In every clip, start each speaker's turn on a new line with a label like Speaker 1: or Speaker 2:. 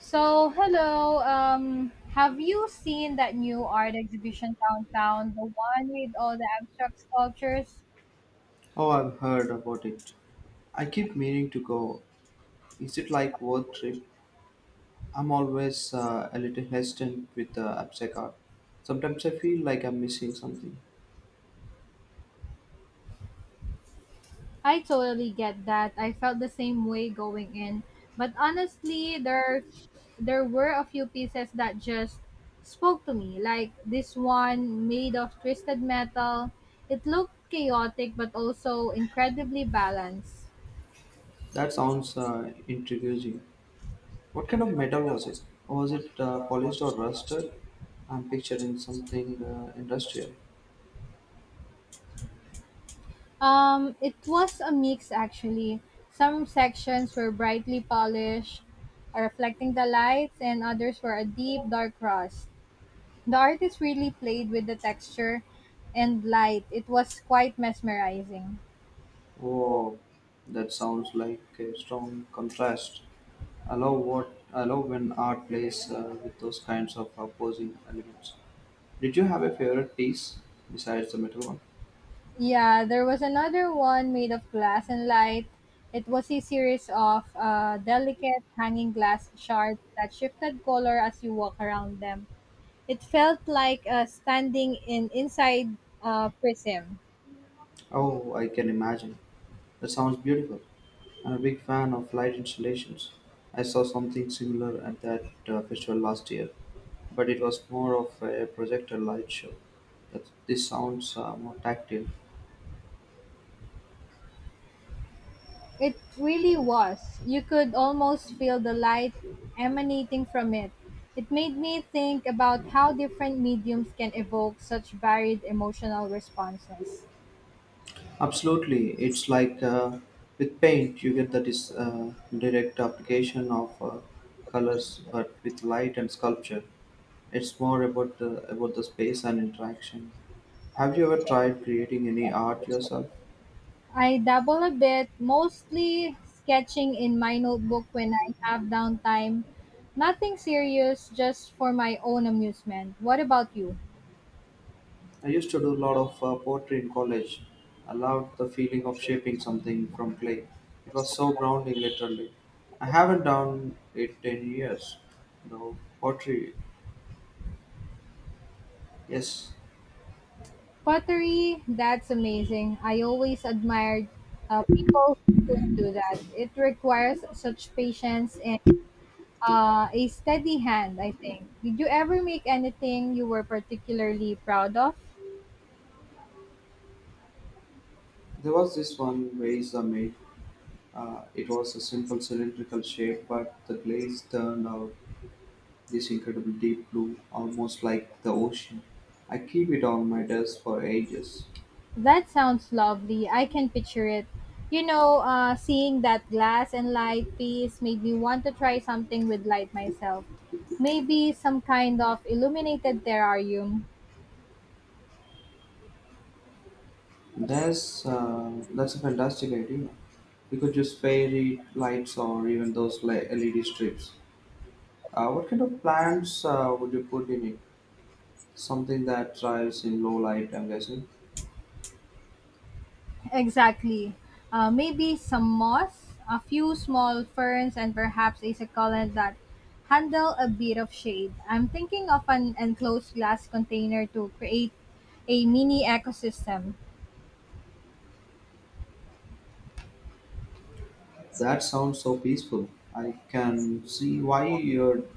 Speaker 1: So, hello. Have you seen that new art exhibition downtown? The one with all the abstract sculptures?
Speaker 2: Oh, I've heard about it. I keep meaning to go. Is it like work trip? I'm always a little hesitant with the abstract art. Sometimes I feel like I'm missing something.
Speaker 1: I totally get that. I felt the same way going in. But honestly, there were a few pieces that just spoke to me, like this one made of twisted metal. It looked chaotic but also incredibly balanced.
Speaker 2: That sounds intriguing. What kind of metal was it? Was it polished or rusted? I'm picturing something industrial.
Speaker 1: It was a mix actually. Some sections were brightly polished, reflecting the lights, and others were a deep, dark rust. The artist really played with the texture and light. It was quite mesmerizing.
Speaker 2: Oh, that sounds like a strong contrast. I love when art plays with those kinds of opposing elements. Did you have a favorite piece besides the metal one?
Speaker 1: Yeah, there was another one made of glass and light. It was a series of delicate hanging glass shards that shifted color as you walk around them. It felt like standing in inside a prism.
Speaker 2: Oh, I can imagine. That sounds beautiful. I'm a big fan of light installations. I saw something similar at that festival last year, but it was more of a projector light show. That this sounds more tactile.
Speaker 1: It really was. You could almost feel the light emanating from it. It made me think about how different mediums can evoke such varied emotional responses.
Speaker 2: Absolutely, it's like with paint, you get that is direct application of colors, but with light and sculpture, it's more about the space and interaction. Have you ever tried creating any art yourself?
Speaker 1: I dabble a bit, mostly sketching in my notebook when I have downtime. Nothing serious, just for my own amusement. What about you?
Speaker 2: I used to do a lot of poetry in college. I loved the feeling of shaping something from clay. It was so grounding, literally. I haven't done it in years, though. Pottery, yes.
Speaker 1: Pottery, that's amazing. I always admired people who could do that. It requires such patience and a steady hand, I think. Did you ever make anything you were particularly proud of?
Speaker 2: There was this one vase I made. It was a simple cylindrical shape, but the glaze turned out this incredible deep blue, almost like the ocean. I keep it on my desk for ages.
Speaker 1: That sounds lovely. I can picture it. Seeing that glass and light piece made me want to try something with light myself. Maybe some kind of illuminated terrarium.
Speaker 2: That's a fantastic idea. We could use fairy lights or even LED strips. What kind of plants would you put in it? Something that thrives in low light, I'm guessing.
Speaker 1: Exactly. Maybe some moss, a few small ferns, and perhaps a succulent that handle a bit of shade. I'm thinking of an enclosed glass container to create a mini ecosystem.
Speaker 2: That sounds so peaceful. I can see why you'd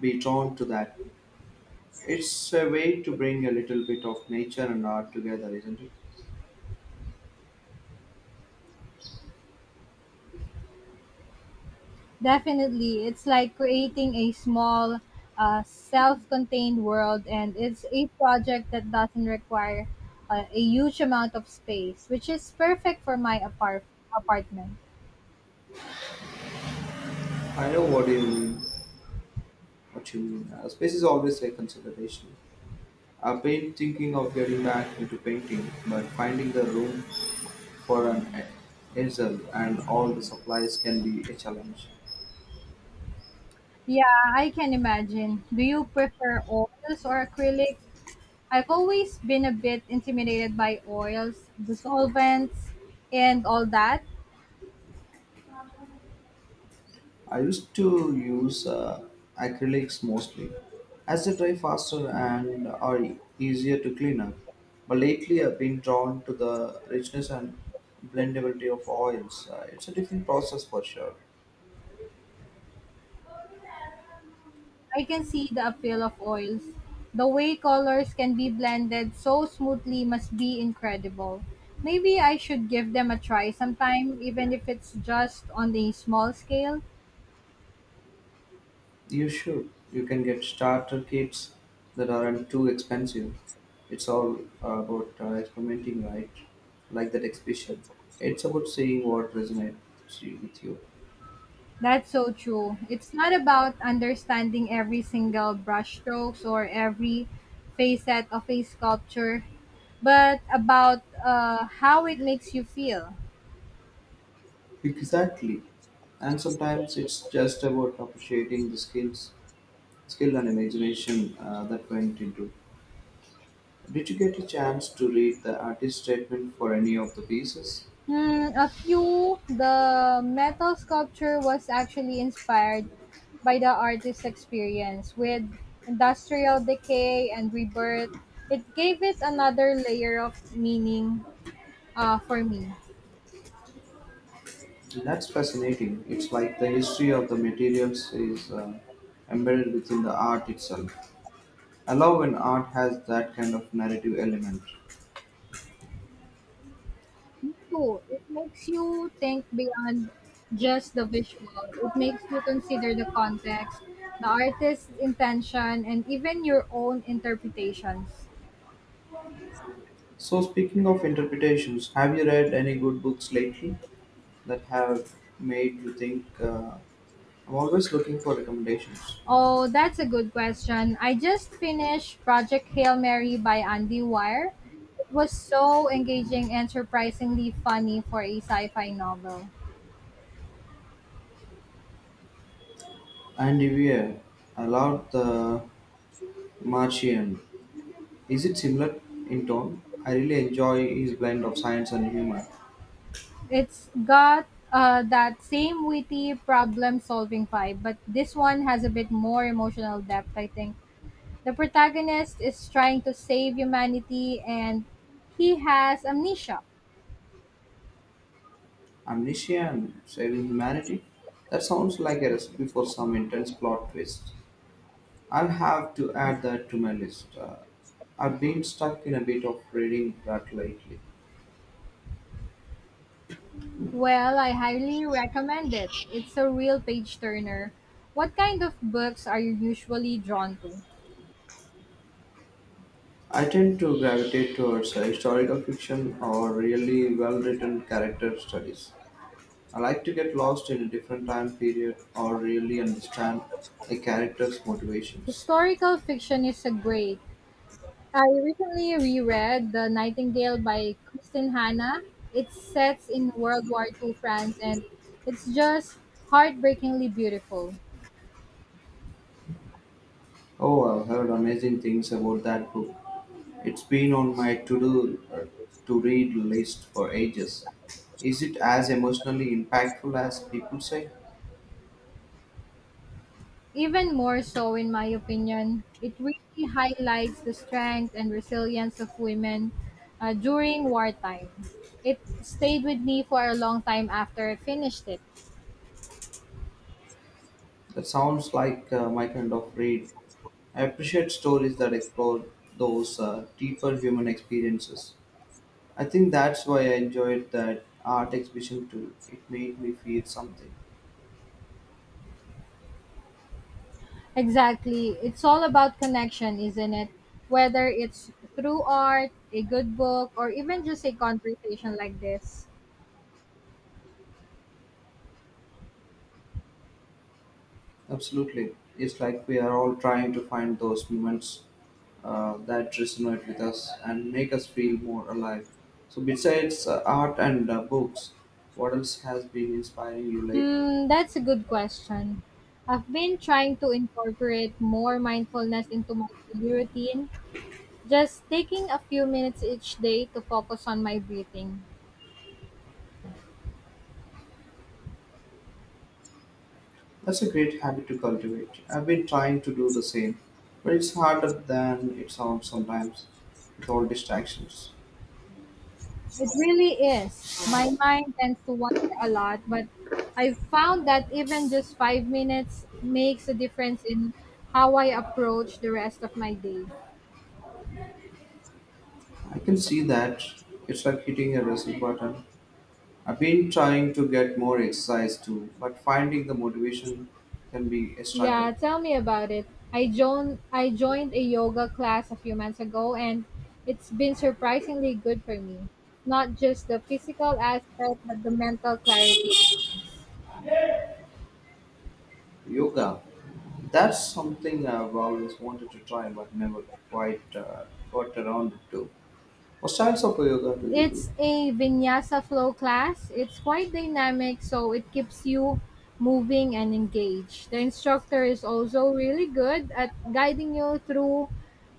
Speaker 2: be drawn to that. It's a way to bring a little bit of nature and art together, isn't it?
Speaker 1: Definitely, it's like creating a small, self contained world, and it's a project that doesn't require a huge amount of space, which is perfect for my apartment.
Speaker 2: I know what you mean. What you mean. Space is always a consideration. I've been thinking of getting back into painting, but finding the room for an easel and all the supplies can be a challenge.
Speaker 1: Yeah, I can imagine. Do you prefer oils or acrylic? I've always been a bit intimidated by oils, the solvents, and all that.
Speaker 2: I used to use acrylics mostly, as they dry faster and are easier to clean up. But lately, I've been drawn to the richness and blendability of oils. It's a different process for sure.
Speaker 1: I can see the appeal of oils. The way colors can be blended so smoothly must be incredible. Maybe I should give them a try sometime, even if it's just on a small scale.
Speaker 2: You should. You can get starter kits that aren't too expensive. It's all about experimenting, right? Like that exhibition. It's about seeing what with you.
Speaker 1: That's so true. It's not about understanding every single brushstrokes or every facet of a sculpture, but about how it makes you feel.
Speaker 2: Exactly. And sometimes it's just about appreciating skill and imagination that went into. Did you get a chance to read the artist statement for any of the pieces?
Speaker 1: Hmm, a few, the metal sculpture was actually inspired by the artist's experience with industrial decay and rebirth. It gave it another layer of meaning for me.
Speaker 2: That's fascinating. It's like the history of the materials is embedded within the art itself. I love when art has that kind of narrative element.
Speaker 1: Me too. It makes you think beyond just the visual. It makes you consider the context, the artist's intention, and even your own interpretations.
Speaker 2: So, speaking of interpretations, have you read any good books lately that have made you think? I'm always looking for recommendations.
Speaker 1: Oh, that's a good question. I just finished Project Hail Mary by Andy Weir. It was so engaging and surprisingly funny for a sci-fi novel.
Speaker 2: And Ivier, I loved The Martian. Is it similar in tone? I really enjoy his blend of science and humor.
Speaker 1: It's got that same witty problem-solving vibe, but this one has a bit more emotional depth, I think. The protagonist is trying to save humanity and he has amnesia.
Speaker 2: Amnesia and saving humanity? That sounds like a recipe for some intense plot twist. I'll have to add that to my list. I've been stuck in a bit of reading rut lately.
Speaker 1: Well, I highly recommend it. It's a real page turner. What kind of books are you usually drawn to?
Speaker 2: I tend to gravitate towards historical fiction or really well written character studies. I like to get lost in a different time period or really understand a character's motivations.
Speaker 1: Historical fiction is a great. I recently reread The Nightingale by Kristen Hanna. It sets in World War Two France and it's just heartbreakingly beautiful.
Speaker 2: Oh, I've heard amazing things about that book. It's been on my to-do to-read list for ages. Is it as emotionally impactful as people say?
Speaker 1: Even more so, in my opinion, it really highlights the strength and resilience of women during wartime. It stayed with me for a long time after I finished it.
Speaker 2: That sounds like my kind of read. I appreciate stories that explore those deeper human experiences. I think that's why I enjoyed that art exhibition too. It made me feel something.
Speaker 1: Exactly. It's all about connection, isn't it? Whether it's through art, a good book, or even just a conversation like this.
Speaker 2: Absolutely. It's like we are all trying to find those moments that resonate with us and make us feel more alive. So, besides art and books, what else has been inspiring you lately?
Speaker 1: Hmm, that's a good question. I've been trying to incorporate more mindfulness into my daily routine. Just taking a few minutes each day to focus on my breathing.
Speaker 2: That's a great habit to cultivate. I've been trying to do the same, but it's harder than it sounds sometimes with all distractions.
Speaker 1: It really is. My mind tends to wander a lot, but I found that even just 5 minutes makes a difference in how I approach the rest of my day.
Speaker 2: I can see that it's like hitting a reset button. I've been trying to get more exercise too, but finding the motivation can be a struggle.
Speaker 1: Yeah, tell me about it. I joined a yoga class a few months ago and it's been surprisingly good for me. Not just the physical aspect but the mental clarity it brings.
Speaker 2: Yoga. That's something I've always wanted to try but never quite got around to. What styles of yoga do you
Speaker 1: It's
Speaker 2: do?
Speaker 1: a vinyasa flow class. It's quite dynamic, so it keeps you moving and engaged. The instructor is also really good at guiding you through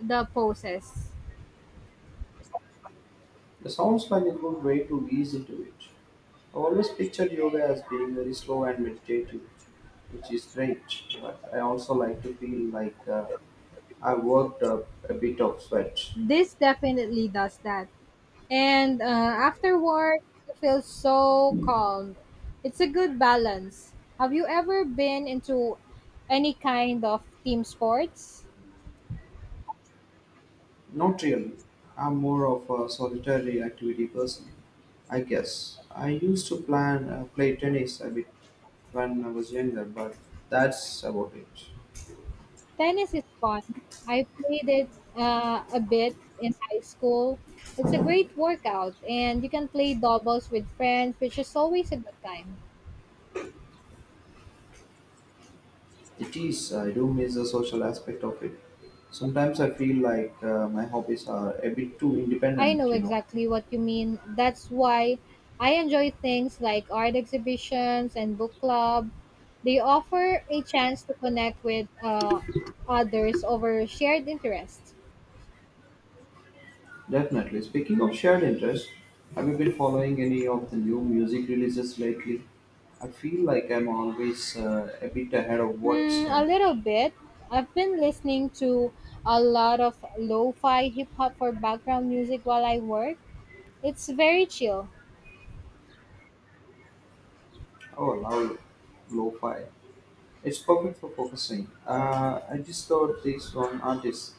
Speaker 1: the poses.
Speaker 2: It sounds like a good way to ease into it. I've always pictured yoga as being very slow and meditative, which is great, but I also like to feel like I worked up a bit of sweat.
Speaker 1: This definitely does that. And afterward, you feel so calm. It's a good balance. Have you ever been into any kind of team sports?
Speaker 2: Not really. I'm more of a solitary activity person. I guess I used to plan play tennis a bit when I was younger, but that's about it.
Speaker 1: Tennis is fun. I played it a bit in high school. It's a great workout, and you can play doubles with friends, which is always a good time.
Speaker 2: It is. I do miss the social aspect of it. Sometimes I feel like my hobbies are a bit too
Speaker 1: I
Speaker 2: independent.
Speaker 1: know
Speaker 2: You know.
Speaker 1: exactly what you mean. That's why I enjoy things like art exhibitions and book club. They offer a chance to connect with others over shared interests.
Speaker 2: Definitely. Speaking of shared interests, have you been following any of the new music releases lately? I feel like I'm always a bit ahead of what's
Speaker 1: Hmm, a
Speaker 2: current.
Speaker 1: little bit. I've been listening to a lot of lo-fi hip hop for background music while I work. It's very chill.
Speaker 2: Oh, now lo-fi. It's perfect for focusing. I discovered this one artist,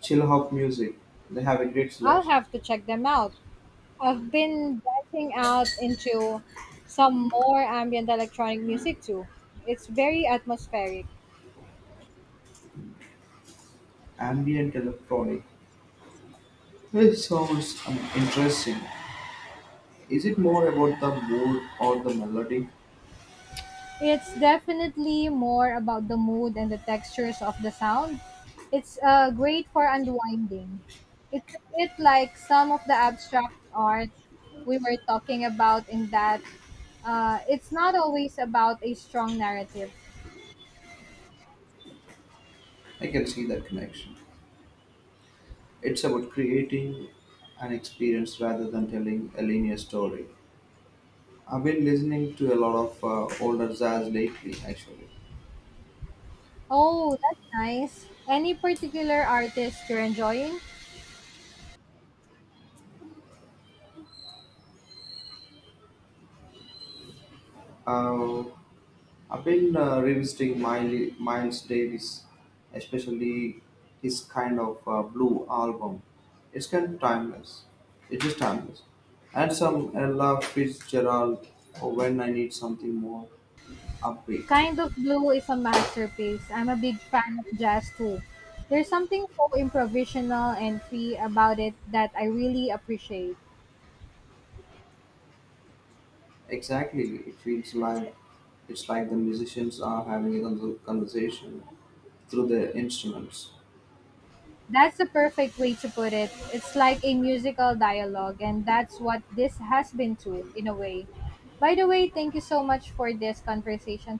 Speaker 2: Chill Hop Music. They have a great
Speaker 1: I'll
Speaker 2: selection.
Speaker 1: have to check them out. I've been branching out into some more ambient electronic music too. It's very atmospheric.
Speaker 2: Ambient electronic. It sounds interesting. Is it more about the mood or the melody?
Speaker 1: It's definitely more about the mood and the textures of the sound. It's great for unwinding. It's a bit like some of the abstract art we were talking about in that it's not always about a strong narrative.
Speaker 2: I can see that connection. It's about creating an experience rather than telling a linear story. I've been listening to a lot of older jazz lately, actually.
Speaker 1: Oh, that's nice. Any particular artist you're enjoying?
Speaker 2: Uh, I've been revisiting Miles Davis, especially his kind of blue album. It's kind of timeless. It is timeless. And some Ella Fitzgerald or when I need something more upbeat.
Speaker 1: Kind of Blue is a masterpiece. I'm a big fan of jazz too. There's something so improvisational and free about it that I really appreciate.
Speaker 2: Exactly, it's like the musicians are having a conversation through their instruments.
Speaker 1: That's the perfect way to put it. It's like a musical dialogue, and that's what this has been too, in a way. By the way, thank you so much for this conversation.